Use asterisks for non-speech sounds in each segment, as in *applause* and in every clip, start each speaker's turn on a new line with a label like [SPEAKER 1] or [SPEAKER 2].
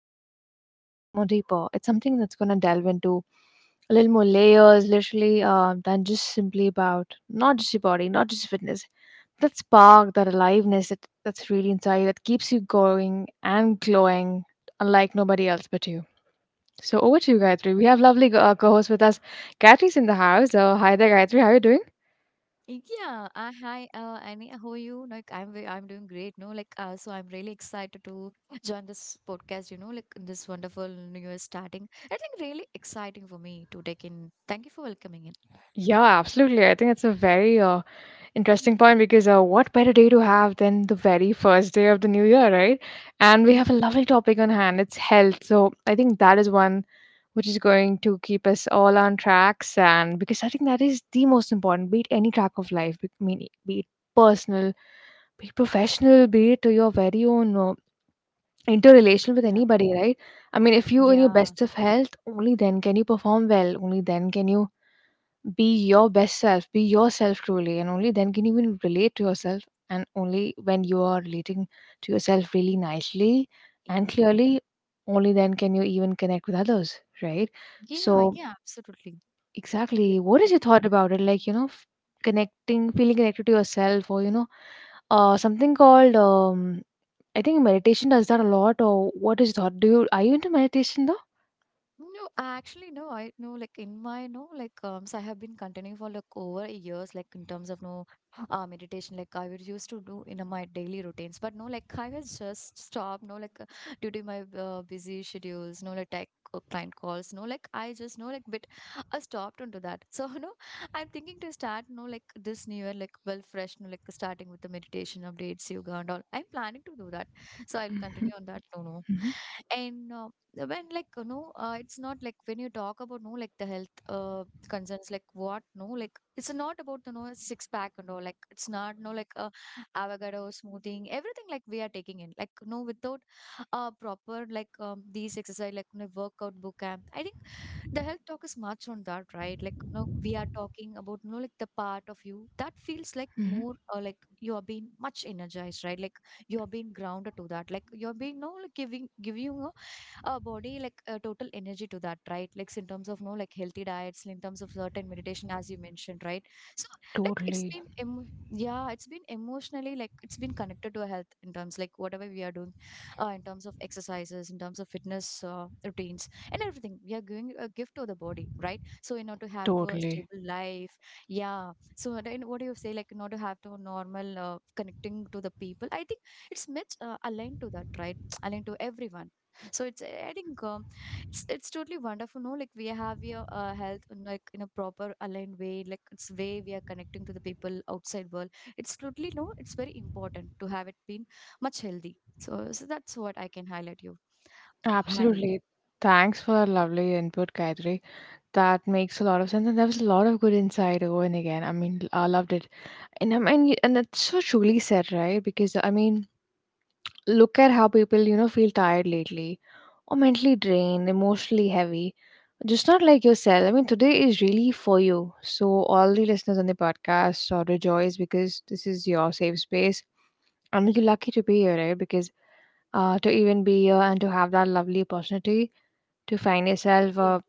[SPEAKER 1] topic, but it's a lot more deeper. It's something that's gonna delve into a little more layers, literally, than just simply about not just your body, not just fitness. That spark, that aliveness that's really inside you, that keeps you going and glowing, unlike nobody else but you. So over to you, Gayatri. We have lovely co-host with us. Gayatri's in the house. Hi there, Gayatri. How are you doing?
[SPEAKER 2] Yeah, hi, Annie. How are you? Like, I'm doing great. No, like, so I'm really excited to join this podcast. Like this wonderful new year starting. I think really exciting for me to take in. Thank you for welcoming in.
[SPEAKER 1] Yeah, absolutely. I think it's a very interesting
[SPEAKER 2] Mm.
[SPEAKER 1] point because what better day to have than the very first day of the new year, right? And we have a lovely topic on hand. It's health. So I think that is one which is going to keep us all on tracks. And because I think that is the most important, be it any track of life, be it personal, be it professional, be it to your very own interrelation with
[SPEAKER 2] Yeah,
[SPEAKER 1] anybody, right? I mean, if you in your
[SPEAKER 2] yeah,
[SPEAKER 1] best of health, only then can you perform well. Only then can you be your best self, be yourself truly, and only then can you even relate to yourself. And only when you are relating to yourself really nicely and
[SPEAKER 2] y-
[SPEAKER 1] clearly, only then can you even connect with others, right? So,
[SPEAKER 2] yeah, yeah, absolutely.
[SPEAKER 1] exactly, what is your thought about it? Like, you know, connecting, feeling connected to yourself, or you know, something called I think meditation does that a lot or what is that? Do you are you into meditation though?
[SPEAKER 2] No, actually, no. I know, like in my no, like so I have been continuing for like over years, like in terms of no, meditation. Like I would used to do in my daily routines, but no, like I was just stopped. No, like due to my busy schedules, no, like tech client calls. No, like I just no, like bit I stopped into that. So *laughs* no, I'm thinking to start no, like this new year, like well fresh, no, like starting with the meditation updates, yoga and all. I'm planning to do that, so I'll continue
[SPEAKER 1] Mhm,
[SPEAKER 2] on that. No, no.
[SPEAKER 1] mhm,
[SPEAKER 2] And when like you know it's not like when you talk about no, like the health concerns, like what no, like it's not about, you know, six pack and all, like it's not no, like avocado smoothing everything, like we are taking in like no without proper, like these exercise, like, you know, workout book camp. I think the health talk is much on that, right? Like no, we are talking about no, like the part of you that feels like
[SPEAKER 1] mhm.
[SPEAKER 2] more like you are being much energized, right? Like you are being grounded to that, like you are being no, like giving you a our body, like total energy to that, right? Like in terms of no, like healthy diets, in terms of certain meditation as you mentioned, right? So like it's
[SPEAKER 1] Totally,
[SPEAKER 2] been yeah, it's been emotionally, like it's been connected to our health in terms like whatever we are doing in terms of exercises, in terms of fitness routines, and everything we are giving a gift to the body, right? So in order to have to a
[SPEAKER 1] totally.
[SPEAKER 2] stable life, yeah. So then what do you say, like in order to have to normal connecting to the people, I think it's much aligned to that, right? *tsk* Aligned to everyone. So it's I think it's totally wonderful. No, like we have your health in, like in a proper aligned way, like it's way we are connecting to the people outside world. It's totally no, it's very important to have it been much healthy. So that's what I can highlight you honey.
[SPEAKER 1] Absolutely. Thanks for that lovely input, Gayatri. That makes a lot of sense, and there was a lot of good insight over and again. I mean, I loved it, and I mean, and that's so truly said, right? Because I mean, look at how people, you know, feel tired lately, or mentally drained, emotionally heavy, just not like yourself. I mean, today is really for you. So, all the listeners on the podcast are rejoice because this is your safe space. And you're lucky to be here, right? Because to even be here and to have that lovely opportunity to find yourself,
[SPEAKER 2] Yeah.
[SPEAKER 1] uh,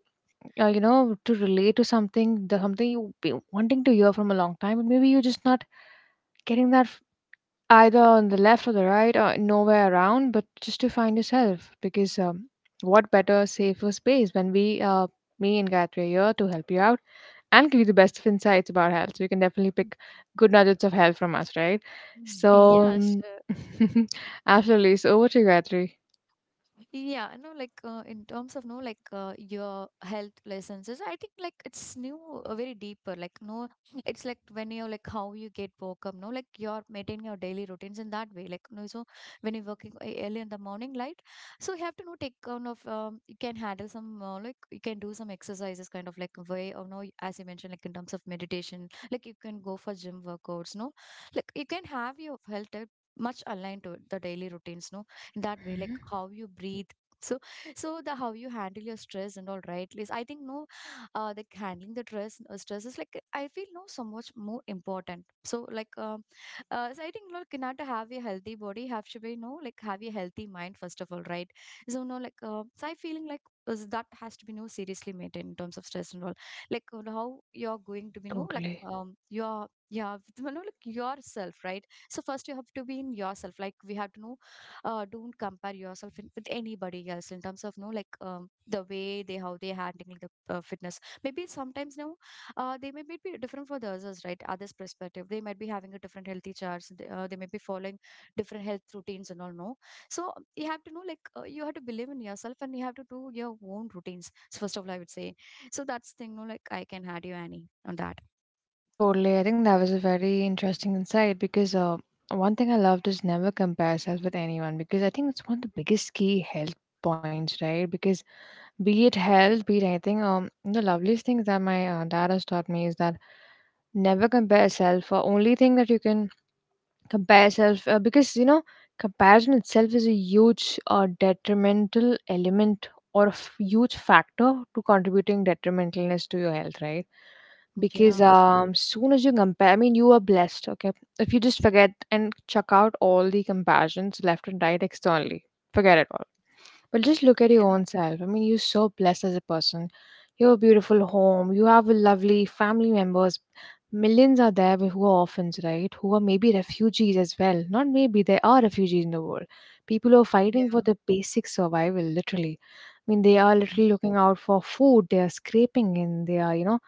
[SPEAKER 1] uh, you know, to relate to something, the something you've been wanting to hear from a long time, and maybe you're just not getting that either on the left or the right or nowhere around, but just to find yourself because what better safer space when me and Gayatri are here to help you out and give you the best of insights about health. So you can definitely pick good nuggets of health from us, right?
[SPEAKER 2] Mm.
[SPEAKER 1] So,
[SPEAKER 2] Yeah,
[SPEAKER 1] um,
[SPEAKER 2] sure.
[SPEAKER 1] *laughs* absolutely. So over to you, Gayatri.
[SPEAKER 2] Yeah, I know, like in terms of no, like your health lessons, I think like it's new, very deeper. Like no, it's like when you're like how you get woke up, no, like you're maintaining your daily routines in that way. Like no, so when you're working early in the morning light, so you have to know take kind of you can handle some like you can do some exercises kind of like way, or no, as you mentioned, like in terms of meditation, like you can go for gym workouts, no, like you can have your health much aligned to the daily routines, no, in that way like how you breathe. So so the how you handle your stress and all, right, Liz? I think no, like handling the stress is like I feel no so much more important. So like so I think look, in order to have a healthy body, have to be no, like have a healthy mind first of all, right? So no, like so I feeling like is that has to be no seriously maintained in terms of stress and all. Like how you're going to be no, like
[SPEAKER 1] Totally.
[SPEAKER 2] you're yeah, you know, like yourself, right? So first you have to be in yourself. Like we have to know don't compare yourself in, with anybody else in terms of no, like the way they how they handling the fitness maybe sometimes no they may be different for the others, right? Others perspective, they might be having a different healthy charts, they may be following different health routines and all no. So you have to know like you have to believe in yourself, and you have to do your own routines. So first of all I would say, so that's thing no, like I can add you Annie on that.
[SPEAKER 1] Totally. I think that was a very interesting insight because one thing I loved is never compare yourself with anyone because I think it's one of the biggest key health points, right? Because be it health, be it anything, the loveliest things that my dad has taught me is that never compare yourself. Only thing that you can compare yourself because you know comparison itself is a huge detrimental element or a huge factor to contributing detrimentalness to your health, right? Because
[SPEAKER 2] Yeah,
[SPEAKER 1] soon as you compare, I mean, you are blessed. Okay, if you just forget and check out all the comparisons left and right externally, forget it all, but just look at your
[SPEAKER 2] yeah,
[SPEAKER 1] own self. I mean, you're so blessed as a person. You have a beautiful home. You have a lovely family members. Millions are there who are orphans, right? Who are maybe refugees as well. Not maybe, there are refugees in the world. People who are fighting for
[SPEAKER 2] yeah,
[SPEAKER 1] the basic survival, literally. I mean, they are literally looking out for food. They are scraping in. They are, you know,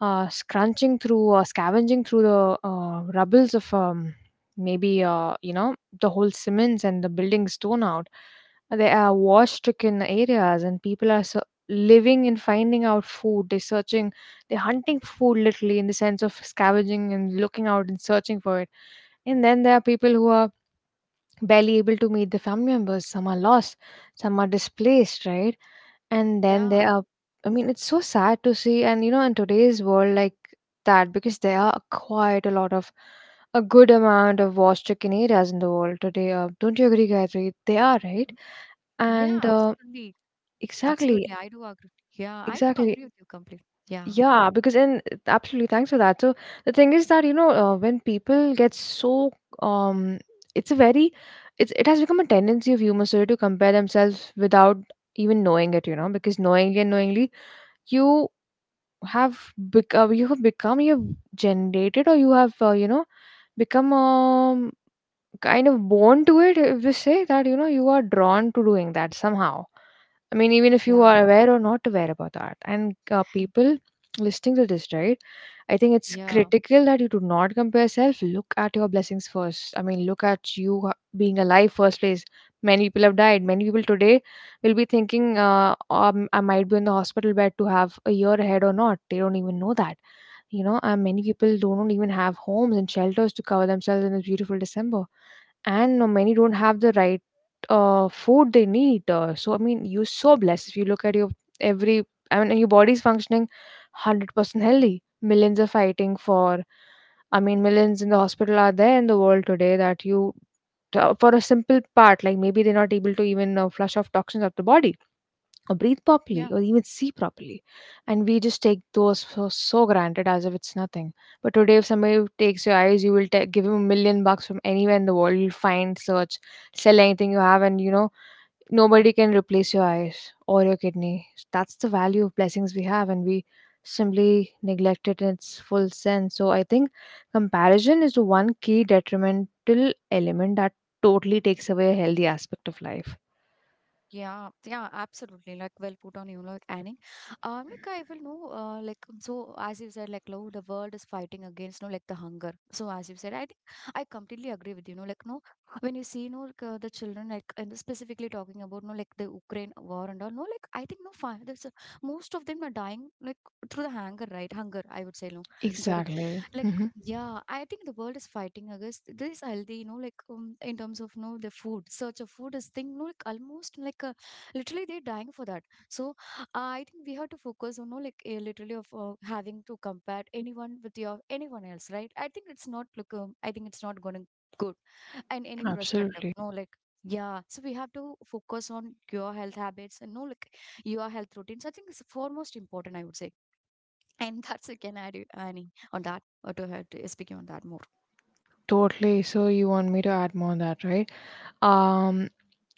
[SPEAKER 1] scrunching through or scavenging through the rubbles of maybe you know, the whole cements and the buildings torn out. There are war-stricken areas, and people are so living and finding out food. They're searching, they're hunting food literally in the sense of scavenging and looking out and searching for it. And then there are people who are barely able to meet the family members. Some are lost, some are displaced, right? And then there
[SPEAKER 2] yeah,
[SPEAKER 1] are, I mean, it's so sad to see. And you know, in today's world like that, because there are quite a lot of a good amount of war-stricken areas in the world today. Don't you agree, Gayatri? They are, right?
[SPEAKER 2] yeah,
[SPEAKER 1] And
[SPEAKER 2] absolutely.
[SPEAKER 1] exactly,
[SPEAKER 2] Absolutely, I do agree. Yeah, I do
[SPEAKER 1] exactly.
[SPEAKER 2] agree with you completely. Yeah,
[SPEAKER 1] Yeah, because in absolutely, thanks for that. So the thing is that, you know, when people get so um it's a very, it has become a tendency of humans today to compare themselves without even knowing it, you know, because knowingly and knowingly you have become, you have generated or you have, you know, become kind of born to it, if we say that, you know, you are drawn to doing that somehow. I mean, even if you
[SPEAKER 2] yeah,
[SPEAKER 1] are aware or not aware about that, and people listening to this, right? I think it's
[SPEAKER 2] yeah,
[SPEAKER 1] critical that you do not compare yourself. Look at your blessings first. I mean, look at being alive first place. Many people have died. Many people today will be thinking, I might be in the hospital bed to have a year ahead or not. They don't even know that. You know, and many people don't even have homes and shelters to cover themselves in this beautiful December, and many don't have the right food they need. So I mean, you're so blessed if you look at your every. I mean, and your body's functioning 100% healthy. Millions are fighting for. I mean, millions in the hospital are there in the world today that you. For a simple part, like maybe they're not able to even flush off toxins out the body or breathe properly
[SPEAKER 2] yeah,
[SPEAKER 1] or even see properly, and we just take those for so granted as if it's nothing. But today if somebody takes your eyes, you will ta give him $1 million. From anywhere in the world, you'll find search, sell anything you have, and you know, nobody can replace your eyes or your kidney. That's the value of blessings we have, and we simply neglect it in its full sense. So I think comparison is the one key detrimental element that totally takes away a healthy aspect of life.
[SPEAKER 2] yeah, yeah, absolutely. Like, well put on you, like Annie. Like I will know, like so as you said, like no, the world is fighting against no, like the hunger. So as you said, I think I completely agree with you. No, like no, when you see no, like, the children, like and specifically talking about no, like the Ukraine war and all. No, like I think no, there's, most of them are dying like through the hunger, right? Hunger, I would say no. I'm sorry,
[SPEAKER 1] Exactly.
[SPEAKER 2] like.
[SPEAKER 1] Hmm.
[SPEAKER 2] Yeah, I think the world is fighting against this healthy, you know, like in terms of you know the food, search of food is thing, you know, like almost like literally they're dying for that. So I think we have to focus on, you know, like literally of having to compare anyone with your anyone else, right? I think it's not look, I think it's not going to good in any perspective.
[SPEAKER 1] Absolutely.
[SPEAKER 2] No, like yeah, so we have to focus on your health habits, and no, like your health routines. I think it's foremost important, I would say. And that's you can add it, Annie, on that, or to her to speaking on that more.
[SPEAKER 1] Totally. So you want me to add more on that, right? Um,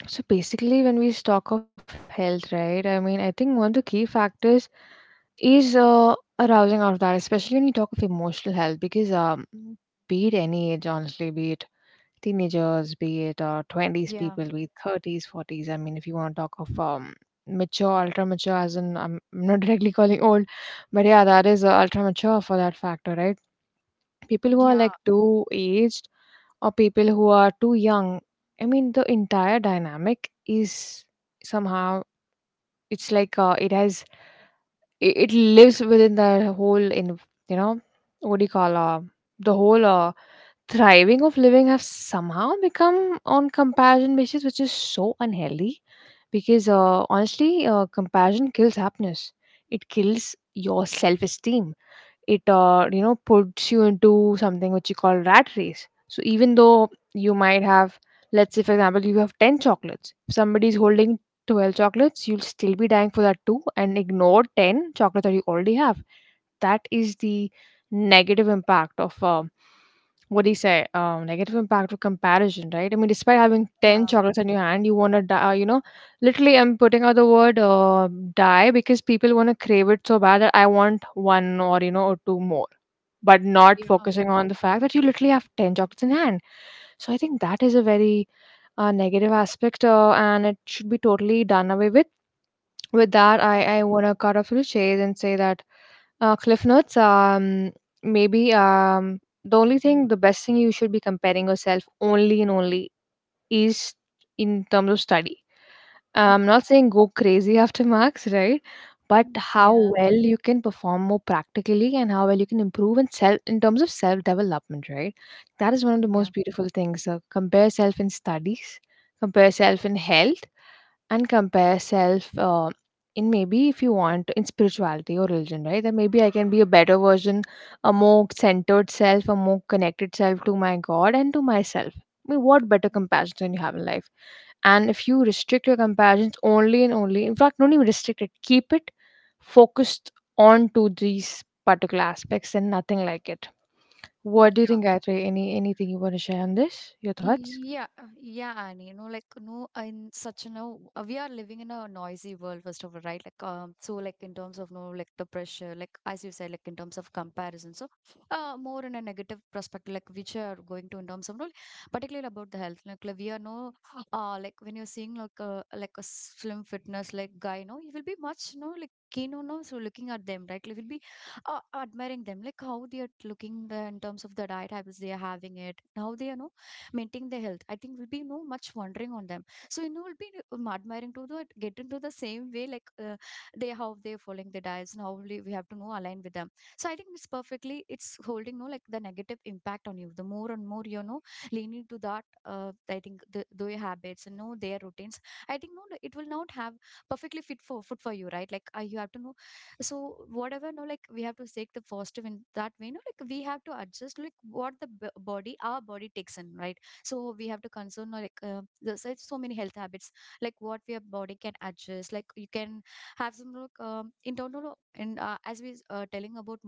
[SPEAKER 1] so basically, when we talk of health, right? I mean, I think one of the key factors is arousing out of that, especially when you talk of emotional health, because be it any age, honestly, be it teenagers, be it 20s
[SPEAKER 2] Yeah,
[SPEAKER 1] people, be it 30s, 40s. I mean, if you want to talk of mature, ultra mature, as in I'm not *laughs* directly calling old, but yeah, that is ultra mature for that factor, right? People who are
[SPEAKER 2] yeah,
[SPEAKER 1] like too aged or people who are too young, I mean the entire dynamic is somehow, it's like it has, it lives within the whole in, you know, what do you call, the whole thriving of living have somehow become on comparison basis, which is so unhealthy. Because honestly, comparison kills happiness, it kills your self-esteem, it you know, puts you into something which you call rat race. So even though you might have, let's say for example, you have 10 chocolates, if somebody is holding 12 chocolates, you'll still be dying for that too and ignore 10 chocolates that you already have. That is the negative impact of what do you say negative impact of comparison, right? I mean, despite having 10
[SPEAKER 2] yeah,
[SPEAKER 1] chocolates in your hand, you want to die, you know. Literally, I'm putting out the word die because people want to crave it so bad that I want one, or you know, or two more, but not
[SPEAKER 2] yeah,
[SPEAKER 1] focusing on the fact that you literally have 10 chocolates in hand. So I think that is a very negative aspect, and it should be totally done away with. With that, I
[SPEAKER 2] yeah,
[SPEAKER 1] I want to cut off to the chase and say that cliff notes maybe the only thing, the best thing you should be comparing yourself only and only, is in terms of study. I'm not saying go crazy after marks, right? But
[SPEAKER 2] mm,
[SPEAKER 1] how
[SPEAKER 2] yeah,
[SPEAKER 1] well you can perform more practically and how well you can improve in self, in terms of self development, right? That is one of the
[SPEAKER 2] yeah,
[SPEAKER 1] most beautiful things. Compare self in studies, compare self in health, and compare self in, maybe if you want, in spirituality or religion, right? That maybe I can be a better version, a more centered self, a more connected self to my God and to myself. I mean, what better comparison you have in life? And if you restrict your comparisons only and only, in fact, don't even restrict it, keep it focused on to these particular aspects and nothing like it. What do you
[SPEAKER 2] yeah.
[SPEAKER 1] think, Gayatri? Anything you want to share on this? Your thoughts?
[SPEAKER 2] Yeah, yeah, and you know, like no, in such a no, we are living in a noisy world, first of all, right? Like, so like in terms of no, like the pressure, like as you said, like in terms of comparison, so, more in a negative perspective, like which are going to in terms of no, like, particularly about the health, like we are no, like when you're seeing like a slim fitness like guy, no, you will be much no, like keen on no, so looking at them, right? Like, you will be admiring them, like how they are looking the, in terms of the diet habits they are having it, how they are no maintain their health. I think will be no much wondering on them. So you know will be admiring to the get into the same way like they how they're following their diets, and how we have to know align with them. So I think it's perfectly it's holding no, like the negative impact on you. The more and more you know leaning to that, I think their habits and know their routines, I think no, no, it will not have perfectly fit for food for you, right? Like you have to know. So whatever no, like we have to take the positive in that way no, like we have to adjust like what the body our body takes in, right? So we have to concern like there's like so many health habits like what your body can adjust, like you can have some look in total. And as we telling about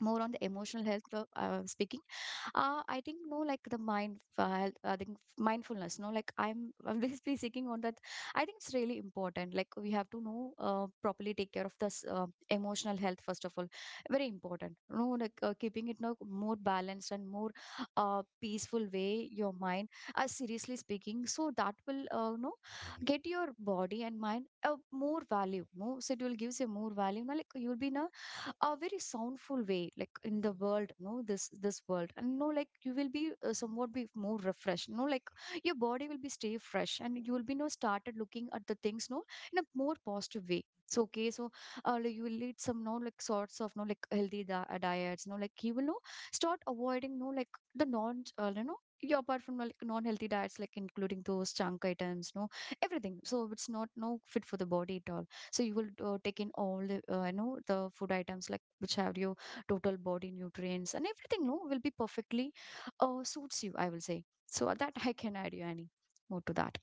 [SPEAKER 2] more on the emotional health, speaking I think no, like the mind I think mindfulness no, like I'm *laughs* I'm basically seeking on that. I think it's really important. Like we have to know properly take care of this emotional health first of all. Very important no, like keeping it no more balanced and more peaceful way your mind, seriously speaking. So that will no get your body and mind a more value no. So it will gives you more value no, like you'll be in a very soundful way like in the world no, this world. And no, like you will be somewhat be more refreshed no, like your body will be stay fresh, and you will be no started looking at the things no, in a more positive way. So okay, so like you will eat some no, like sorts of no, like healthy diets no, like you will no start avoiding no, like the non you know yeah, apart from like non-healthy diets, like including those junk items no, everything. So It's not no fit for the body at all. So you will take in all the you know the food items like which have your total body nutrients and everything no will be perfectly suits you, I will say. So that I can add you any more to that.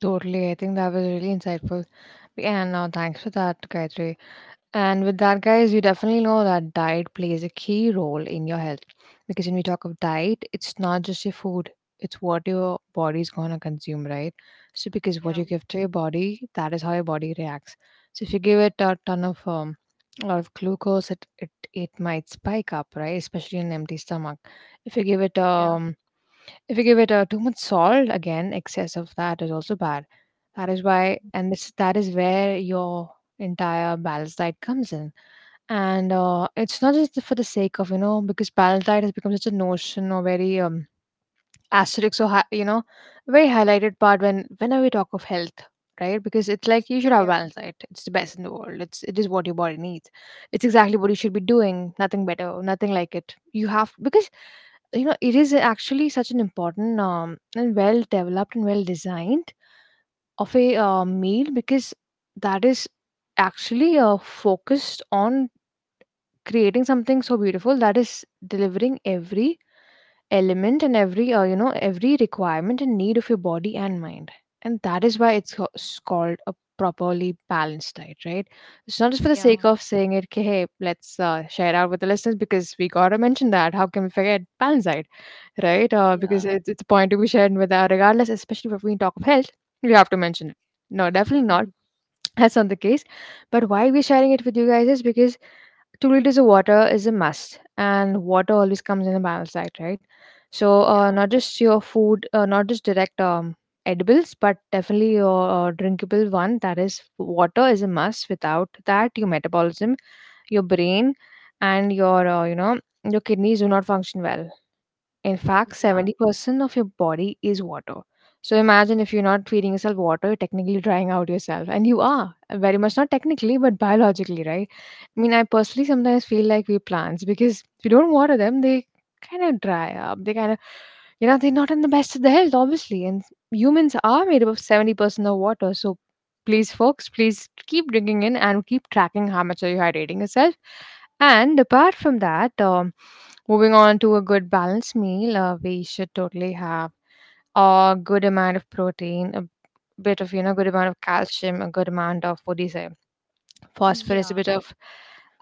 [SPEAKER 1] Totally. I think that was really insightful. Yeah, no, thanks for that, Gayatri. And with that, guys, you definitely know that diet plays a key role in your health. Because when we talk of diet, it's not just your food, it's what your body's gonna consume, right? So, because what
[SPEAKER 2] Yeah,
[SPEAKER 1] you give to your body, that is how your body reacts. So, if you give it a ton of a lot of glucose, it might spike up, right? Especially in an empty stomach. If you give it
[SPEAKER 2] yeah,
[SPEAKER 1] too much salt, again, excess of that is also bad. That is why, and this that is where your entire balanced diet comes in. And it's not just for the sake of, you know, because balanced diet has become such a notion, or very Asterix, or you know, very highlighted part whenever we talk of health, right? Because it's like, you should have a
[SPEAKER 2] yeah,
[SPEAKER 1] balanced diet, it's the best in the world, it's, it is what your body needs, it's exactly what you should be doing, nothing better, nothing like it, you have, because you know, it is actually such an important and well developed and well designed of a meal, because that is actually focused on creating something so beautiful that is delivering every element and every you know, every requirement and need of your body and mind. And that is why it's called a properly balanced diet, right? It's not just for the
[SPEAKER 2] yeah,
[SPEAKER 1] sake of saying it, okay, hey, let's share it out with the listeners because we gotta mention that, how can we forget balanced diet, right?
[SPEAKER 2] yeah.
[SPEAKER 1] Because it's a point to be shared with our regardless, especially when we talk of health, we have to mention it. No, definitely not,
[SPEAKER 2] Mhm.
[SPEAKER 1] that's not the case. But why we're sharing it with you guys is because 2 liters of water is a must, and water always comes in a balanced diet, right? So
[SPEAKER 2] Yeah,
[SPEAKER 1] not just your food, not just direct edibles, but definitely your drinkable one, that is water, is a must. Without that, your metabolism, your brain, and your your kidneys do not function well. In fact,
[SPEAKER 2] yeah.
[SPEAKER 1] 70% of your body is water. So imagine if you're not feeding yourself water, you're technically drying out yourself. And you are, very much not technically, but biologically, right? I mean, I
[SPEAKER 2] *laughs*
[SPEAKER 1] personally sometimes feel like we plants, because if you don't water them, they kind of dry up. They kind of, you know, they're not in the best of the health, obviously. And humans are made up of 70% of water. So please, folks, please keep drinking in and keep tracking how much are you hydrating yourself. And apart from that, moving on to a good balanced meal, we should totally have a good amount of protein, a bit of, you know, good amount of calcium, a good amount of, what do you say, phosphorus, a
[SPEAKER 2] Yeah,
[SPEAKER 1] bit of,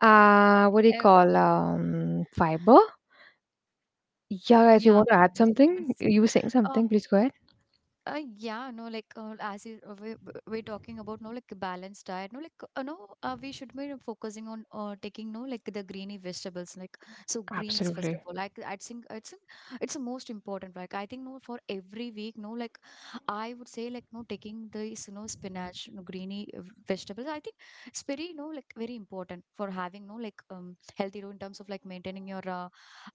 [SPEAKER 1] what do you
[SPEAKER 2] yeah,
[SPEAKER 1] call, fiber? Yeah, guys, you
[SPEAKER 2] yeah,
[SPEAKER 1] want to add
[SPEAKER 2] fibrous
[SPEAKER 1] something?
[SPEAKER 2] vitamins.
[SPEAKER 1] You were saying something, please go ahead.
[SPEAKER 2] Yeah, no, like as you, we're talking about no like balanced diet, no like no, we should be focusing on taking no like the greeny vegetables, like so greens first of
[SPEAKER 1] Absolutely.
[SPEAKER 2] all. Like I think it's the most important. Like I think no for every week, no like I would say like no taking these, you know, spinach, no, greeny vegetables. I think it's very no like very important for having no like healthy role in terms of like maintaining your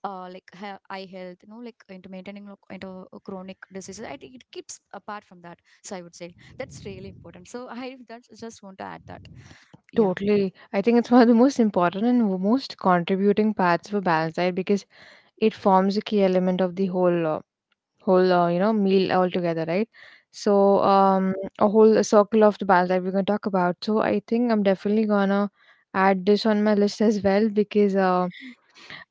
[SPEAKER 2] like eye health, you know, like into maintaining into chronic diseases. I think it keeps apart from that. So I would say that's really important. So I *laughs* that's, just want to add that. Yeah.
[SPEAKER 1] Totally. I think it's one of the most important and most contributing parts of a balanced diet, because it forms a key element of the whole you know, meal altogether, right? So, um,
[SPEAKER 2] *laughs*
[SPEAKER 1] a whole circle of the ball that we're going to talk about. So I think I'm definitely gonna add this on my list as well, because
[SPEAKER 2] Yeah.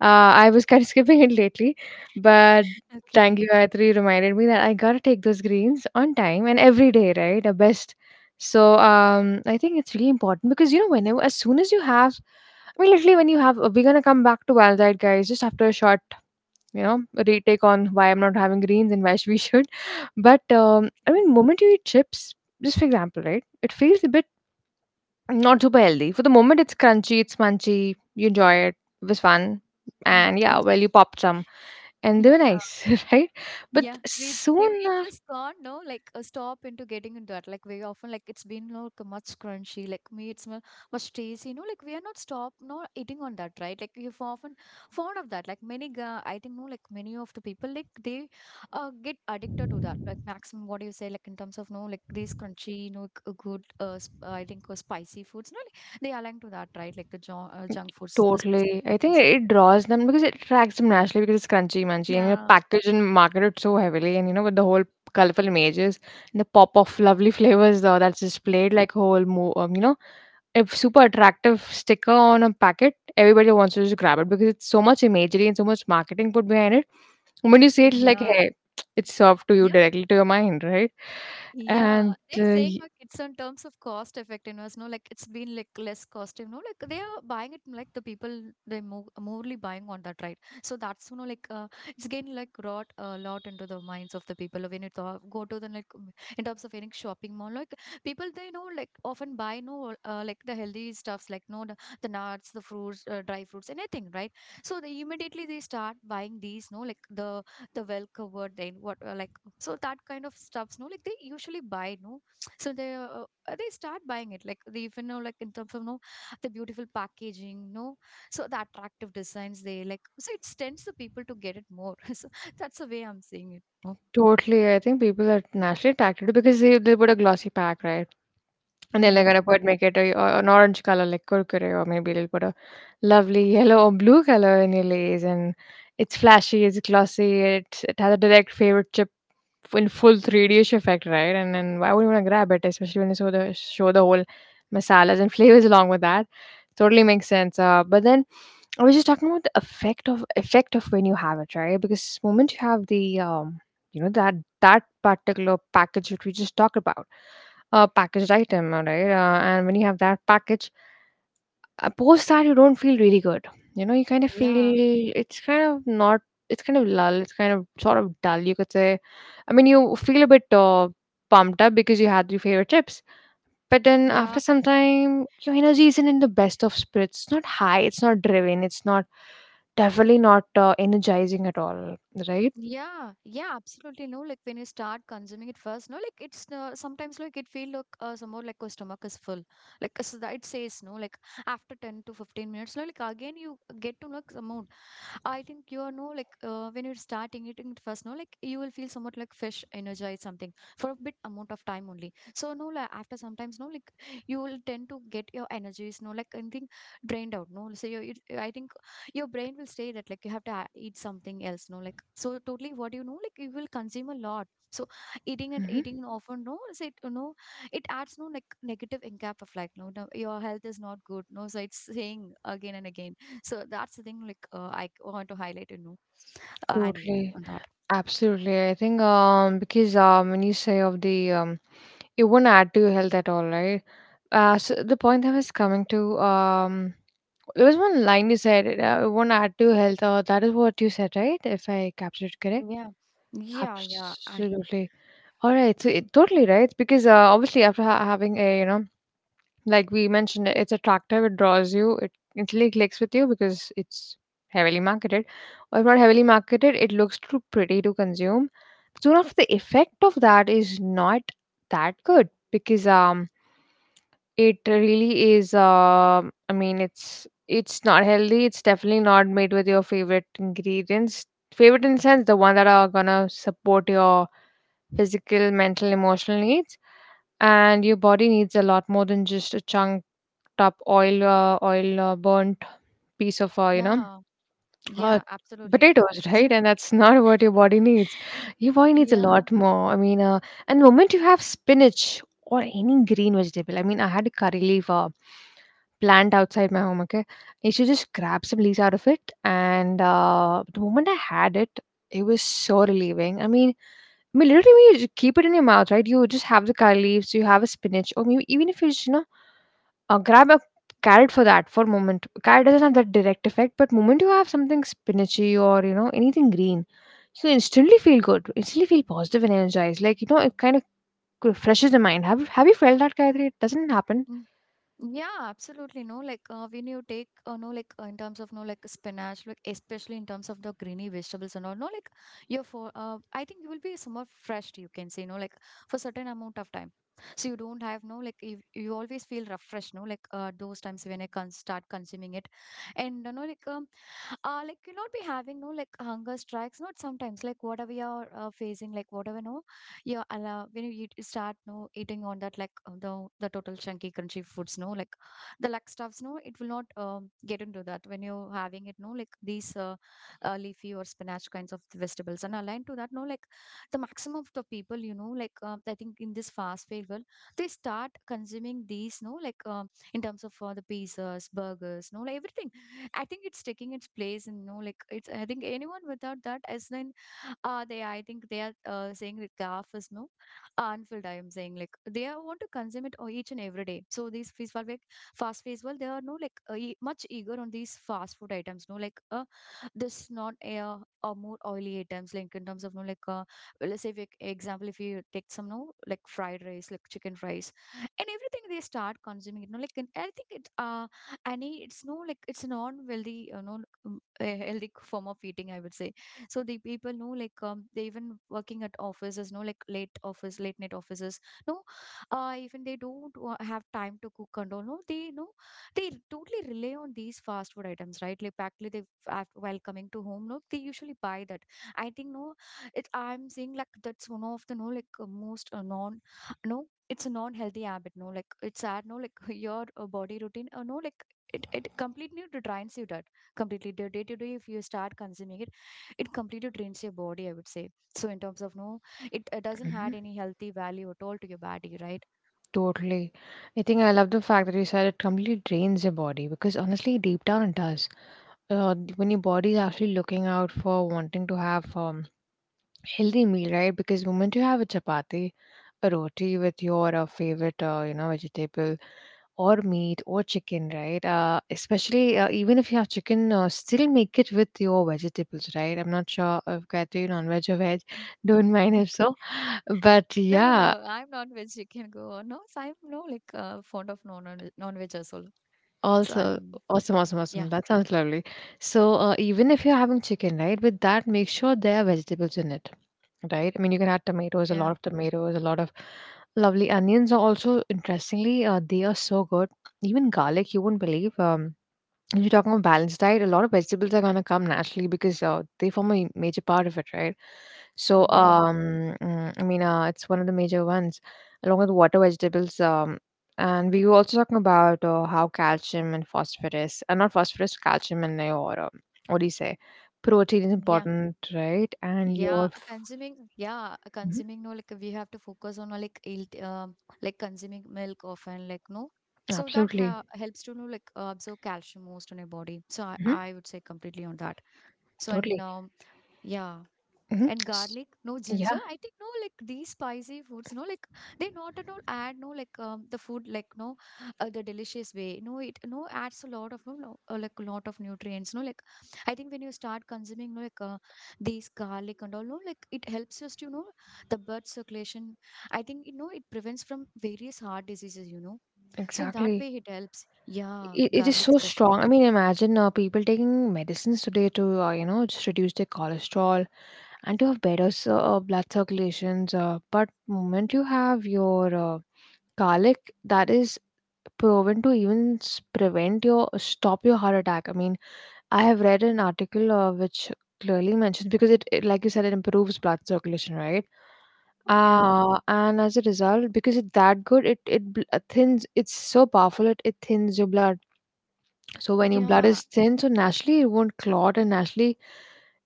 [SPEAKER 1] I was kind of *laughs* skipping it lately, but thank
[SPEAKER 2] Okay.
[SPEAKER 1] you Gayatri, reminded me that I gotta take those greens on time and every day, right? A best. So um, I think it's really important, because you know, whenever, as soon as you have, I mean, literally, when you have, we're gonna come back to Wild Guys, just after a short, you know, retake on why I'm not having greens and why *laughs* we should. But I mean, moment you eat chips, just for example, right? It feels a bit not super healthy for the moment. It's crunchy, it's munchy, you enjoy it, it was fun,
[SPEAKER 2] Mm.
[SPEAKER 1] and yeah,
[SPEAKER 2] We
[SPEAKER 1] well,
[SPEAKER 2] just
[SPEAKER 1] you popped some and they were
[SPEAKER 2] yeah.
[SPEAKER 1] nice. *laughs* Right? But
[SPEAKER 2] Yeah, we j- can-
[SPEAKER 1] soon
[SPEAKER 2] we
[SPEAKER 1] after,
[SPEAKER 2] just can't know like stop into getting into that. Like very often, like it's been like a much crunchy, like me, it's much tasty. You know, like we are not stop no eating on that, right? Like you've often fond of that. I think no, like many of the people, like they get addicted to that. Like maximum, what do you say? Like in terms of no, like these crunchy, you know, like, good. I think spicy foods. No, like, they align to that, right? Like the junk foods, the
[SPEAKER 1] totally.
[SPEAKER 2] specific,
[SPEAKER 1] I
[SPEAKER 2] like
[SPEAKER 1] think it
[SPEAKER 2] concept.
[SPEAKER 1] draws them because it attracts them naturally, because it's crunchy, munchy, and you know,
[SPEAKER 2] Yeah.
[SPEAKER 1] packaged and marketed so heavily, and you know, with the whole colorful images and the pop of lovely flavors, though, that's
[SPEAKER 2] Okay.
[SPEAKER 1] displayed like whole, you know, a super attractive sticker on a packet, everybody wants to just grab it because it's so much imagery and so much marketing put behind it. When you see it, like,
[SPEAKER 2] Yeah.
[SPEAKER 1] hey, it's served to you
[SPEAKER 2] Yeah.
[SPEAKER 1] directly to your mind, right?
[SPEAKER 2] Yeah,
[SPEAKER 1] And
[SPEAKER 2] they're saying like it's in terms of cost effectiveness, no, like it's been like less cost, you know, like they are buying it, like the people they move morely buying on that, right? So that's you know like it's getting like wrought a lot into the minds of the people when you talk, go to the like in terms of any shopping mall, like people they know like often buy no like the healthy stuffs like no the nuts, the fruits, dry fruits, anything, right? So they immediately they start buying these, no, like the well covered then what like so that kind of stuffs no like they usually buy no *tsk* so they start buying it, like they even know like in terms of no the beautiful packaging no so the attractive designs they like so it tends the people to get it more *laughs* so that's the way I'm seeing it no?
[SPEAKER 1] totally, I think people are naturally attracted because they put a glossy pack, right? And then they're gonna
[SPEAKER 2] Yeah,
[SPEAKER 1] put make it an orange color like Kurkure, or maybe they'll put a lovely yellow or blue color in your lays, and it's flashy, it's glossy, it has a direct favorite chip in full 3D-ish effect, right? And then why would you want to grab it, especially when you show the whole masalas and *laughs* flavors along with that? Totally makes sense. But then I was just talking about the effect of when you have it, right? Because moment you have the you know, that that particular package that we just talked about, a packaged item, all right? And when you have that package post that, you don't feel really good. You know, you kind of
[SPEAKER 2] yeah,
[SPEAKER 1] feel it's kind of not, it's kind of lull, it's kind of sort of dull, you could say. I mean, you feel a bit pumped up because you had your favorite chips. But then
[SPEAKER 2] yeah.
[SPEAKER 1] after some time, your energy isn't in the best of spirits. It's not high, it's not driven, it's not definitely not energizing at all. Right?
[SPEAKER 2] Yeah, yeah, absolutely. No, like when you start consuming it first, no, like it's sometimes like it feel like some more like your stomach is full, like so that it says no, like after 10 to 15 minutes, no, like again you get to know like some more. I think you are no like when you start eating it first, no like you will feel somewhat like fresh, energized, something for a bit amount of time only. So no like after sometimes no like you will tend to get your energies no like anything drained out. No, so you it, I think your brain will say that like you have to eat something else. No like so totally what you know like you will consume a lot. So eating and eating often no so it you know it adds no like negative incap of like no, no your health is not good. No, so it's saying again and again, so that's the thing, like I want to highlight, you know, Annie,
[SPEAKER 1] Totally,
[SPEAKER 2] on that.
[SPEAKER 1] absolutely. I think because when you say of the it won't add to your health at all, right? So the point I was coming to, there was one line you said, it won't add to your health. That is what you said, right? If I captured it correct.
[SPEAKER 2] Yeah, yeah, yeah, I,
[SPEAKER 1] Absolutely. All right. So it, totally right, because obviously after having a, you know, like we mentioned, it's attractive, it draws you, it instantly clicks with you because it's heavily marketed. Or if not heavily marketed, it looks too pretty to consume. Soon after, the effect of that is not that good, because it really is. I mean, it's not healthy. It's definitely not made with your favorite ingredients. Favorite in sense, the one that are gonna support your physical, mental, emotional needs, and your body needs a lot more than just a chunk up oil, oil, burnt piece of you know,
[SPEAKER 2] yeah,
[SPEAKER 1] uh,
[SPEAKER 2] yeah, absolutely.
[SPEAKER 1] potatoes, right?
[SPEAKER 2] *laughs*
[SPEAKER 1] And that's *laughs* not what your body needs. Your body needs a
[SPEAKER 2] Yeah.
[SPEAKER 1] lot more. I mean, and the moment you have spinach or any green vegetable, I mean, I had a curry leaf plant outside my home, okay? I should just grab some leaves out of it, and the moment I had it, it was so relieving. I mean, I mean, literally, when you just keep it in your mouth, right? You just have the curry leaves, you have a spinach, or maybe even if you just, you know, grab a carrot for that, for a moment. Carrot doesn't have that direct effect, but moment you have something spinachy or you know, anything green, so you instantly feel good. Instantly feel positive and energized. Like you know, it kind of refreshes the mind. Have you felt that, Gayatri? It doesn't happen.
[SPEAKER 2] Mm, yeah, absolutely. No, like when you take, no, like in terms of no, like spinach, like especially in terms of the greeny vegetables and all, no, like your for, I think you will be somewhat fresh. You can say, no, like for certain amount of time. So you don't have no, like you always feel refreshed, no, like those times when I can start consuming it, and you know, like you not be having no like hunger strikes, not sometimes like whatever you're facing like whatever no you're allow when you eat, start no eating on that like the total chunky crunchy foods no like the like stuffs no it will not get into that when you're having it no like these leafy or spinach kinds of vegetables and aligned to that no like the maximum of the people you know like I think in this fast food world they start consuming these no like in terms of the pizzas, burgers no like everything. I think it's taking its place and no, like it's. I think anyone without that, as in, they. I think they are saying like graph is no unfilled. I am saying like they are, want to consume it each and every day. So these fast food, well, they are no like much eager on these fast food items. No, like this not or more oily items. Like in terms of no like let's say like example if you take some no like fried rice, like chicken rice, and everything they start consuming it. No, like and I think it. And it's no like it's a non-healthy you know a healthy form of eating, I would say. So the people know like they even working at offices no like late office late night offices no even they don't have time to cook and all no they know they totally rely on these fast food items, right? Like practically they while coming to home no they usually buy that, I think no. It I'm saying like that's one of the no like most non, no it's a non-healthy habit no like it's sad no like *laughs* your body routine no like it completely drains you, that completely the day to day if you start consuming it it completely drains your body, I would say. So in terms of no it doesn't add
[SPEAKER 1] Mhm.
[SPEAKER 2] any healthy value at all to your body, right?
[SPEAKER 1] Totally. I think I love the fact that you said it completely drains your body, because honestly, deep down it does. When your body is actually looking out for wanting to have healthy meal, right? Because the moment you have a chapati, a roti with your favorite, vegetable or meat or chicken, right? Especially even if you have chicken, still make it with your vegetables, right? I'm not sure if whether you non-veg or veg.
[SPEAKER 2] *laughs*
[SPEAKER 1] *laughs* Don't mind
[SPEAKER 2] You
[SPEAKER 1] if
[SPEAKER 2] can-
[SPEAKER 1] so, but
[SPEAKER 2] No, no, no.
[SPEAKER 1] yeah.
[SPEAKER 2] I'm not veg. You can go on. No, so I'm no like fond of non veg as well. So
[SPEAKER 1] Also,
[SPEAKER 2] I'm
[SPEAKER 1] awesome, awesome, awesome.
[SPEAKER 2] yeah,
[SPEAKER 1] That sounds lovely. So, even if you're having chicken, right, with that, make sure there are vegetables in it, right? I mean, you can add tomatoes, a
[SPEAKER 2] yeah,
[SPEAKER 1] lot of tomatoes, a lot of lovely onions. Are also interestingly, they are so good. Even garlic, you won't believe. If you're talking about balanced diet, a lot of vegetables are gonna come naturally because they form a major part of it, right? So,
[SPEAKER 2] yeah,
[SPEAKER 1] I mean, it's one of the major ones, along with water vegetables. And we were also talking about how calcium and phosphorus, not phosphorus, calcium and or what do you say, protein is
[SPEAKER 2] yeah.
[SPEAKER 1] important, right? And
[SPEAKER 2] Yeah,
[SPEAKER 1] your
[SPEAKER 2] consuming, yeah,
[SPEAKER 1] Mhm,
[SPEAKER 2] consuming, no, like we have to focus on, like, like consuming milk often, like, no. So that
[SPEAKER 1] absolutely,
[SPEAKER 2] ha helps to, know, like, absorb calcium most on your body. So I,
[SPEAKER 1] hmm
[SPEAKER 2] I would say completely on that. So, and,
[SPEAKER 1] totally,
[SPEAKER 2] yeah
[SPEAKER 1] hmm
[SPEAKER 2] and garlic no ginger
[SPEAKER 1] yeah,
[SPEAKER 2] I think no like these spicy foods no like they not at all add no like the food like no the delicious way no it no adds a lot of no like a lot of nutrients no like I think when you start consuming no like these garlic and all no like it helps us to you know the blood circulation, I think you know it prevents from various heart diseases, you know, so in that
[SPEAKER 1] exactly.
[SPEAKER 2] way it helps, yeah
[SPEAKER 1] It is
[SPEAKER 2] garlic
[SPEAKER 1] so
[SPEAKER 2] especially.
[SPEAKER 1] strong. I mean, imagine people taking medicines today to you know just reduce their cholesterol and to have better blood circulations. But moment you have your garlic, that is proven to even prevent your stop your heart attack. I mean, I have read an article which clearly mentions because it like you said it improves blood circulation, right?
[SPEAKER 2] Yeah,
[SPEAKER 1] And as a result, because it's that good, it thins. It's so powerful. It thins your blood so when your blood
[SPEAKER 2] yeah,
[SPEAKER 1] is thin, so naturally it won't clot and naturally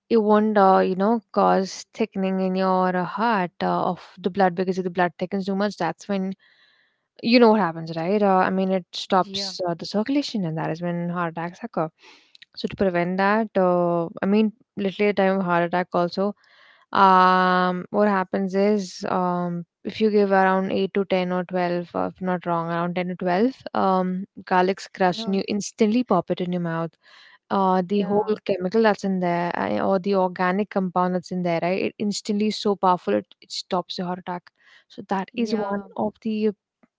[SPEAKER 1] it won't, cause thickening in your heart of the blood because if the blood thickens too much, that's when you know what happens, right? I mean, it
[SPEAKER 2] yeah,
[SPEAKER 1] stops the circulation and that is when heart attacks occur. So to prevent that, I mean, literally at the time of heart attack also, what happens is if you give around 8 to 10 or 12, if not wrong, around 10 to 12, garlic's crushed and
[SPEAKER 2] no,
[SPEAKER 1] you instantly pop it in your mouth the whole
[SPEAKER 2] yeah,
[SPEAKER 1] chemical that's in there or the organic compound that's in there, right? It instantly is so powerful it stops your heart attack. So that is one
[SPEAKER 2] yeah,
[SPEAKER 1] of the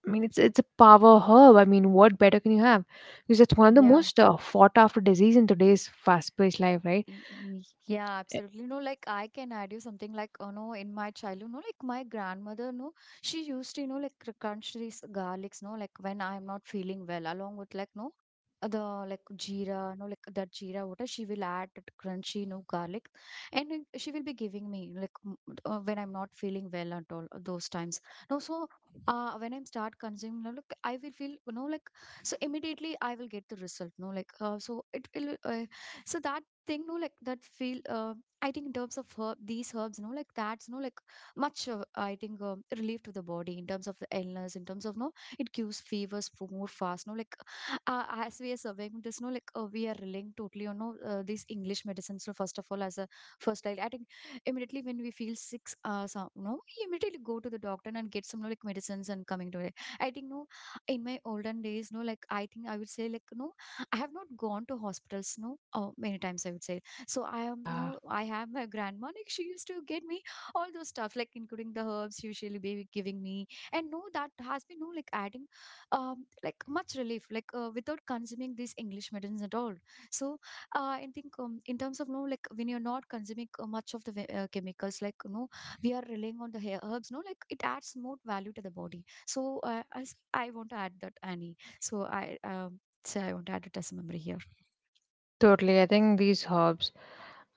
[SPEAKER 1] I mean it's a power herb. I mean what better can you have? Because it's one of the
[SPEAKER 2] yeah.
[SPEAKER 1] most fought after disease in today's fast paced life, right?
[SPEAKER 2] Yeah,
[SPEAKER 1] Eh,
[SPEAKER 2] absolutely. No, like I can add you something like, oh no, in my childhood, no, like my grandmother, no, she used to, you know, like crunch these garlics, no, like when I'm not feeling well, along with like, no, the like jeera, no, like that jeera water, she will add that crunchy, no, garlic, and then she will be giving me like when I'm not feeling well at all, those times. No, so when I start consuming, no, like I will feel, you know, like so immediately I will get the result, no, like so it will. So that thing no like that feel. I think in terms of herb these herbs no like that's no like much I think relief to the body in terms of the illness in terms of no it cures fevers for more fast no like as we are surveying this no like we are relying totally on no these English medicines no first of all as a first like I think immediately when we feel sick some no we immediately go to the doctor and get some no, like medicines and coming to it I think no in my olden days no like I think I would say like no I have not gone to hospitals, no, oh, many times I would say. So I am
[SPEAKER 1] yeah,
[SPEAKER 2] no, I have my grandma. Like she used to get me all those stuff, like including the herbs usually be giving me, and no, that has been no like adding, like much relief, like without consuming these English medicines at all. So I think in terms of no, like when you're not consuming much of the chemicals, like no, we are relying on the herbs, no, like it adds more value to the body. So as I want to add that, Annie. So I so I want to add a test memory here.
[SPEAKER 1] totally. I think these herbs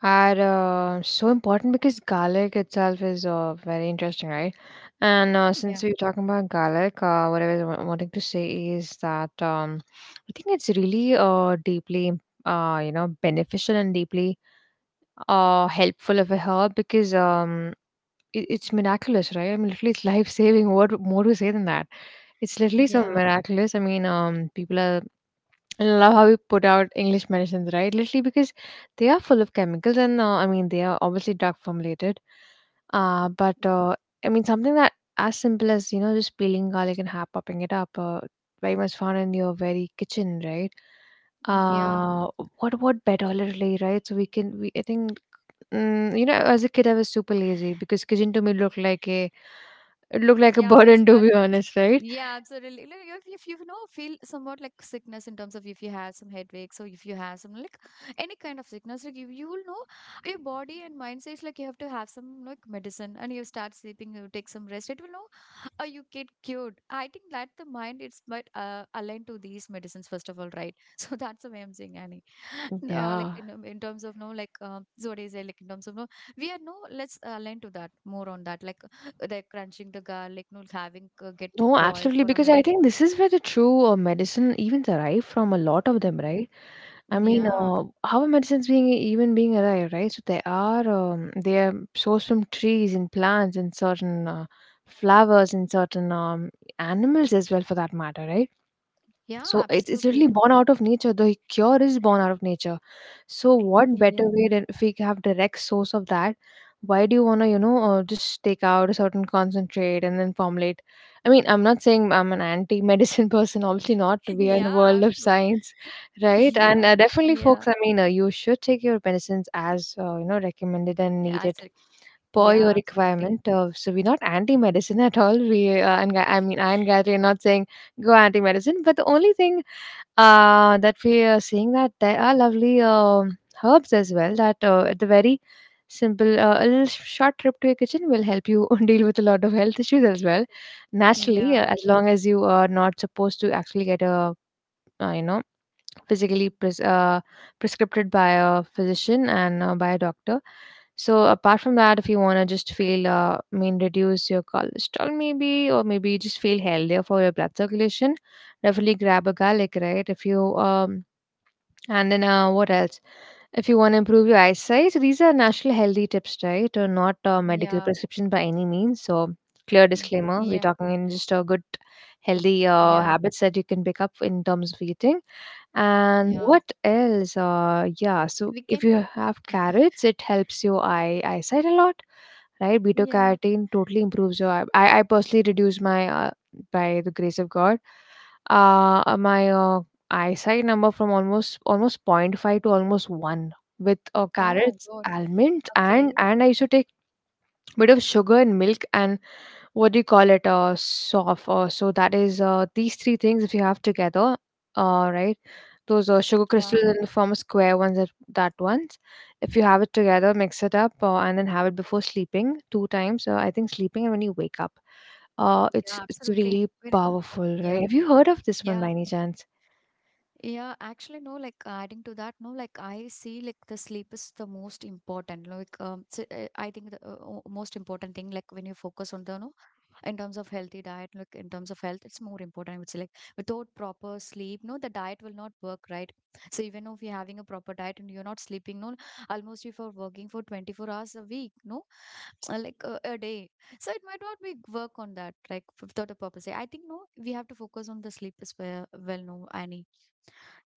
[SPEAKER 1] are so important because garlic itself is very interesting, right? And
[SPEAKER 2] Yeah.
[SPEAKER 1] since we are talking about garlic, what I was wanting to say is that I think it's really deeply, beneficial and deeply helpful of a herb because it, it's miraculous, right? I mean, literally, it's *laughs* life saving. What more to say than that? It's literally so
[SPEAKER 2] Yeah.
[SPEAKER 1] miraculous. I mean, people are I love how we put out English medicines, right? Literally because they are full of chemicals, and I mean they are obviously drug formulated. But I mean something that as simple as you know just peeling garlic and half popping it up, very much found in your very kitchen, right?
[SPEAKER 2] Yeah.
[SPEAKER 1] Uh, what better oil really, right? So we can we I think you know as a kid I was super lazy because kitchen to me looked like a it looked like a
[SPEAKER 2] Yeah. I will
[SPEAKER 1] burden to
[SPEAKER 2] start.
[SPEAKER 1] be honest, right?
[SPEAKER 2] Yeah, absolutely. Like, if you know, feel somewhat like sickness in terms of if you have some headache, so if you have some like any kind of sickness, like you will know your body and mind says like you have to have some like medicine and you start sleeping, you take some rest, it will know you get cured. I think that the mind it's might aligned to these medicines first of all, right? *laughs* So that's the way I'm saying, Annie. And, like
[SPEAKER 1] Yeah.
[SPEAKER 2] in terms of no, like so what is it? Like in terms of no, we are no. Let's align to that more on that. Like crunching the garlic, no, having get it
[SPEAKER 1] No,
[SPEAKER 2] boiled
[SPEAKER 1] absolutely,
[SPEAKER 2] for a
[SPEAKER 1] because I
[SPEAKER 2] minute.
[SPEAKER 1] think this is where the true medicine even arrived from a lot of them,
[SPEAKER 2] Mhm.
[SPEAKER 1] right? I mean,
[SPEAKER 2] Yeah,
[SPEAKER 1] how are medicines being even being arrived, right? So they are sourced from trees and plants and certain flowers and certain animals as well, for that matter, right?
[SPEAKER 2] yeah,
[SPEAKER 1] So it's
[SPEAKER 2] absolutely
[SPEAKER 1] really
[SPEAKER 2] no.
[SPEAKER 1] born out of nature. The cure is born out of nature. So what
[SPEAKER 2] Yeah,
[SPEAKER 1] better way than if we have direct source of that? Why do you wanna you know just take out a certain concentrate and then formulate? I mean, I'm not saying I'm an anti-medicine *laughs* person. Obviously not.
[SPEAKER 2] *laughs*
[SPEAKER 1] We are in the
[SPEAKER 2] yeah,
[SPEAKER 1] world
[SPEAKER 2] I'm
[SPEAKER 1] of
[SPEAKER 2] too.
[SPEAKER 1] science,
[SPEAKER 2] *laughs*
[SPEAKER 1] right? And
[SPEAKER 2] Yeah,
[SPEAKER 1] definitely, folks.
[SPEAKER 2] yeah,
[SPEAKER 1] I mean, you should take your medicines as you know recommended and
[SPEAKER 2] yeah, I
[SPEAKER 1] needed
[SPEAKER 2] said-
[SPEAKER 1] per your
[SPEAKER 2] yeah, absolutely.
[SPEAKER 1] requirement. So we're not anti-medicine at all. I mean,
[SPEAKER 2] *laughs*
[SPEAKER 1] I and Gayatri are not saying go anti-medicine but the only thing that we are seeing that there are lovely herbs as well that at the very simple a little short trip to your kitchen will help you *laughs* deal with a lot of health issues as well naturally
[SPEAKER 2] Yeah,
[SPEAKER 1] as long as you are not supposed to actually get a you know physically prescribed by a physician and by a doctor. So apart from that, if you wanna just feel, I mean, reduce your cholesterol maybe, or maybe you just feel healthier for your blood circulation, definitely grab a garlic, right? If you and then what else? If you want to improve your eyesight, so these are natural healthy tips, right? Or not medical
[SPEAKER 2] yeah,
[SPEAKER 1] prescription by any means. So clear
[SPEAKER 2] y-
[SPEAKER 1] disclaimer: we're
[SPEAKER 2] yeah,
[SPEAKER 1] talking in just a good, healthy
[SPEAKER 2] yeah,
[SPEAKER 1] habits that you can pick up in terms of eating. And
[SPEAKER 2] yeah.
[SPEAKER 1] what else? Yeah, so
[SPEAKER 2] We
[SPEAKER 1] if
[SPEAKER 2] can,
[SPEAKER 1] you have carrots, it helps your eyesight a lot, right? Beta
[SPEAKER 2] yeah.
[SPEAKER 1] carotene totally improves your eye. I personally reduce my by the grace of God, my eyesight number from almost point five to almost one with
[SPEAKER 2] Oh
[SPEAKER 1] carrots,
[SPEAKER 2] God.
[SPEAKER 1] almonds, and
[SPEAKER 2] Okay.
[SPEAKER 1] I used to take bit of sugar and milk and what do you call it soft so that is these three things if you have together right those sugar crystals
[SPEAKER 2] Yeah,
[SPEAKER 1] in the form of square ones that ones if you have it together mix it up, and then have it before sleeping two times, I think sleeping and when you wake up, it's
[SPEAKER 2] yeah, absolutely.
[SPEAKER 1] really powerful, right?
[SPEAKER 2] Yeah,
[SPEAKER 1] Have you heard of this one
[SPEAKER 2] yeah.
[SPEAKER 1] by any chance?
[SPEAKER 2] Yeah, actually, no, like adding to that, no, like I see like the sleep is the most important. Like, I think the most important thing, like when you focus on the, no, in terms of healthy diet, like in terms of health, it's more important. I would say, like, without proper sleep, no, the diet will not work, right? So, even if you're having a proper diet and you're not sleeping, no, almost if you're working for 24 hours a week, no, like a day so it might not be work on that like without a purpose I think no we have to focus on the sleep as well well no Annie.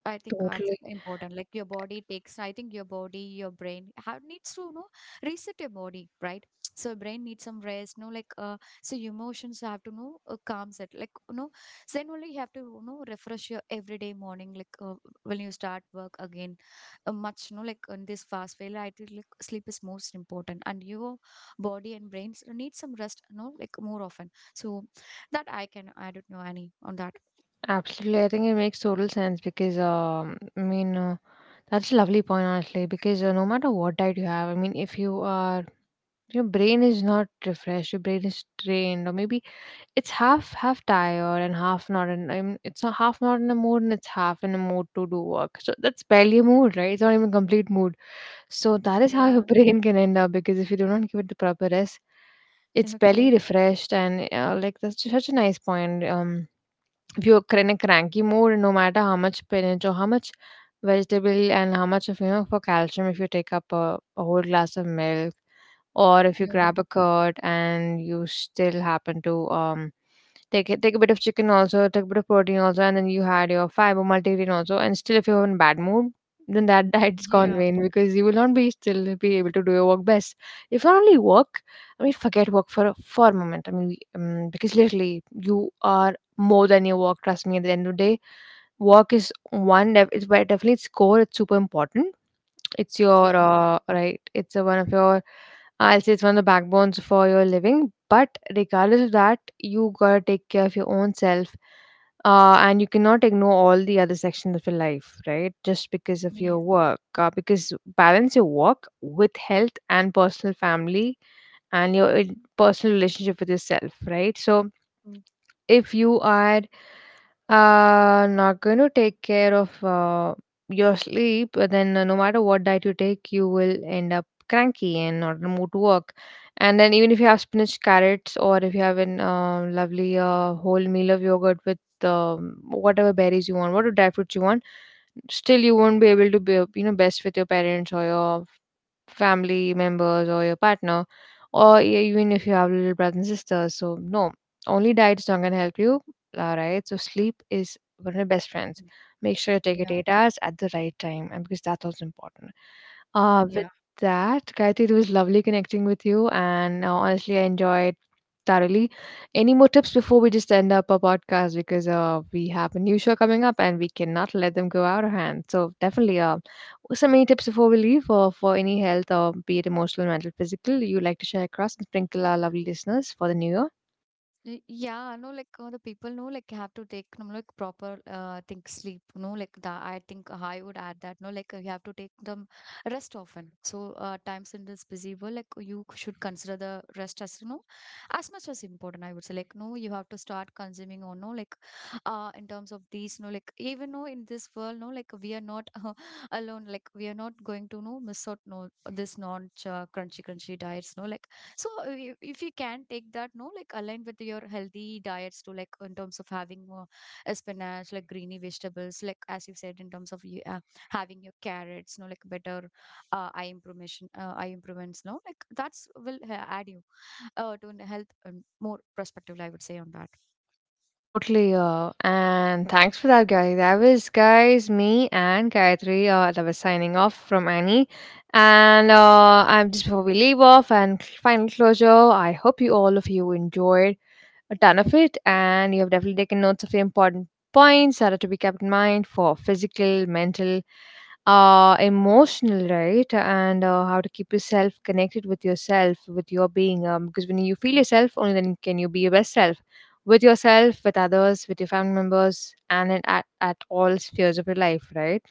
[SPEAKER 2] I think that's
[SPEAKER 1] Totally.
[SPEAKER 2] important. Like your body takes, I think your body, your brain have needs to, you know, reset your body, right? So brain needs some rest, no, like so emotions have to know calm set, like you know, so then only you have to you know refresh your everyday morning, like when you start work again, much, you know, like in this fast failure, I think like sleep is most important, and your body and brains need some rest, you know, like more often. So that I can, I don't know any on that.
[SPEAKER 1] Absolutely, I think it makes total sense because I mean that's a lovely point honestly because no matter what diet you have, I mean if you are your brain is not refreshed your brain is trained or maybe it's half tired and half not in I mean, it's not half not in a mood and it's half in a mood to do work so that's barely a mood right it's not even complete mood so that is how *laughs* your
[SPEAKER 2] Yeah.
[SPEAKER 1] brain can end up because if you do not give it the proper rest it's barely
[SPEAKER 2] Okay.
[SPEAKER 1] refreshed and like that's such a nice point if you're in a cranky mood, no matter how much spinach or how much vegetable and how much of you know for calcium, if you take up a whole glass of milk or if you
[SPEAKER 2] Yeah.
[SPEAKER 1] grab a curd and you still happen to take it, take a bit of chicken also, take a bit of protein also, and then you had your fiber multivitamin also. And still, if you're in bad mood, then that *laughs* diet's gone
[SPEAKER 2] Yeah,
[SPEAKER 1] vain because you will not be still be able to do your work best. If not only work, I mean, forget work for for a moment. Because literally you are more than your work. Trust me. At the end of the day, work is one. It's by definitely its core. It's super important it's your
[SPEAKER 2] yeah,
[SPEAKER 1] right. It's one of your. I'll say it's one of the backbones for your living. But regardless of that, you gotta take care of your own self, and you cannot ignore all the other sections of your life, right? Just because of
[SPEAKER 2] yeah,
[SPEAKER 1] your work, because balance your work with health and personal family and your personal relationship with yourself, right? So
[SPEAKER 2] mm,
[SPEAKER 1] if you are not going to take care of your sleep, then no matter what diet you take, you will end up cranky and not in the mood to work. And then even if you have spinach, carrots, or if you have an lovely whole meal of yogurt with whatever berries you want, whatever dry fruits you want, still you won't be able to be you know best with your parents or your family members or your partner, or even if you have little brothers and sisters. So no, only diet is not going to help you, right? So sleep is one of the best friends.
[SPEAKER 2] mm,
[SPEAKER 1] Make sure you take it
[SPEAKER 2] yeah,
[SPEAKER 1] 8 hours at the right time, and because that's also important.
[SPEAKER 2] mm.
[SPEAKER 1] With
[SPEAKER 2] Yeah,
[SPEAKER 1] that, Gayatri, it was lovely connecting with you, and honestly, I enjoyed thoroughly. Any more tips before we just end up our podcast because we have a new show coming up and we cannot let them go out of hand. So definitely, some any tips before we leave or for any health or be it emotional, mental, physical, you like to share across and sprinkle our lovely listeners for the new year.
[SPEAKER 2] y- yeah, no, like the people know, like have to take, no, like proper, think sleep, no, like that. I think I would add that, no, like you have to take them rest often. So, times in this busy world, like you should consider the rest as, you know, as much as important. I would say, like, no, you have to start consuming or no, like, in terms of these, no, like even no, in this world, no, like we are not *laughs* alone. Like we are not going to no miss out, no, this non crunchy diets, no, like so if you can take that, no, like aligned with your healthy diets too, like in terms of having more spinach, like greeny vegetables, like as you said, in terms of you, having your carrots, no, like better uh, eye improvement, eye improvements, no, like that's will add you to a health more perspective, I would say on that.
[SPEAKER 1] Totally, and thanks for that, guys. That was, guys, me and Gayatri. That was signing off from Annie. And I'm just before we leave off and final closure, I hope you all of you enjoyed a ton of it and you have definitely taken notes of the important points that are to be kept in mind for physical, mental, emotional, right? And how to keep yourself connected with yourself with your being, because when you feel yourself only then can you be your best self with yourself with others with your family members and in, at all spheres of your life, right?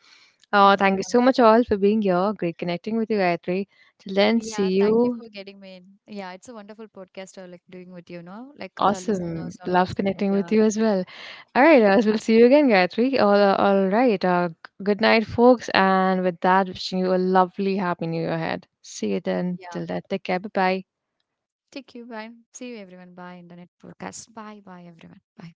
[SPEAKER 1] Thank you so much all for being here. Great connecting with you, Gayatri. Till then, see
[SPEAKER 2] Yeah, thank you
[SPEAKER 1] you.
[SPEAKER 2] for getting me in. Yeah, it's a wonderful podcast I like doing with you now. Like the
[SPEAKER 1] Awesome,
[SPEAKER 2] listeners and
[SPEAKER 1] love
[SPEAKER 2] also
[SPEAKER 1] connecting with
[SPEAKER 2] yeah.
[SPEAKER 1] you as well.
[SPEAKER 2] *gasps*
[SPEAKER 1] All right,
[SPEAKER 2] *laughs*
[SPEAKER 1] so
[SPEAKER 2] Yeah.
[SPEAKER 1] we'll see you again, Gayatri. All right. Good night, folks. And with that, wishing you a lovely, happy new year ahead. See you then.
[SPEAKER 2] Yeah.
[SPEAKER 1] Till then, take care. Bye bye.
[SPEAKER 2] Take you. Bye. See you everyone. Bye. Internet podcast. Bye. Bye everyone. Bye.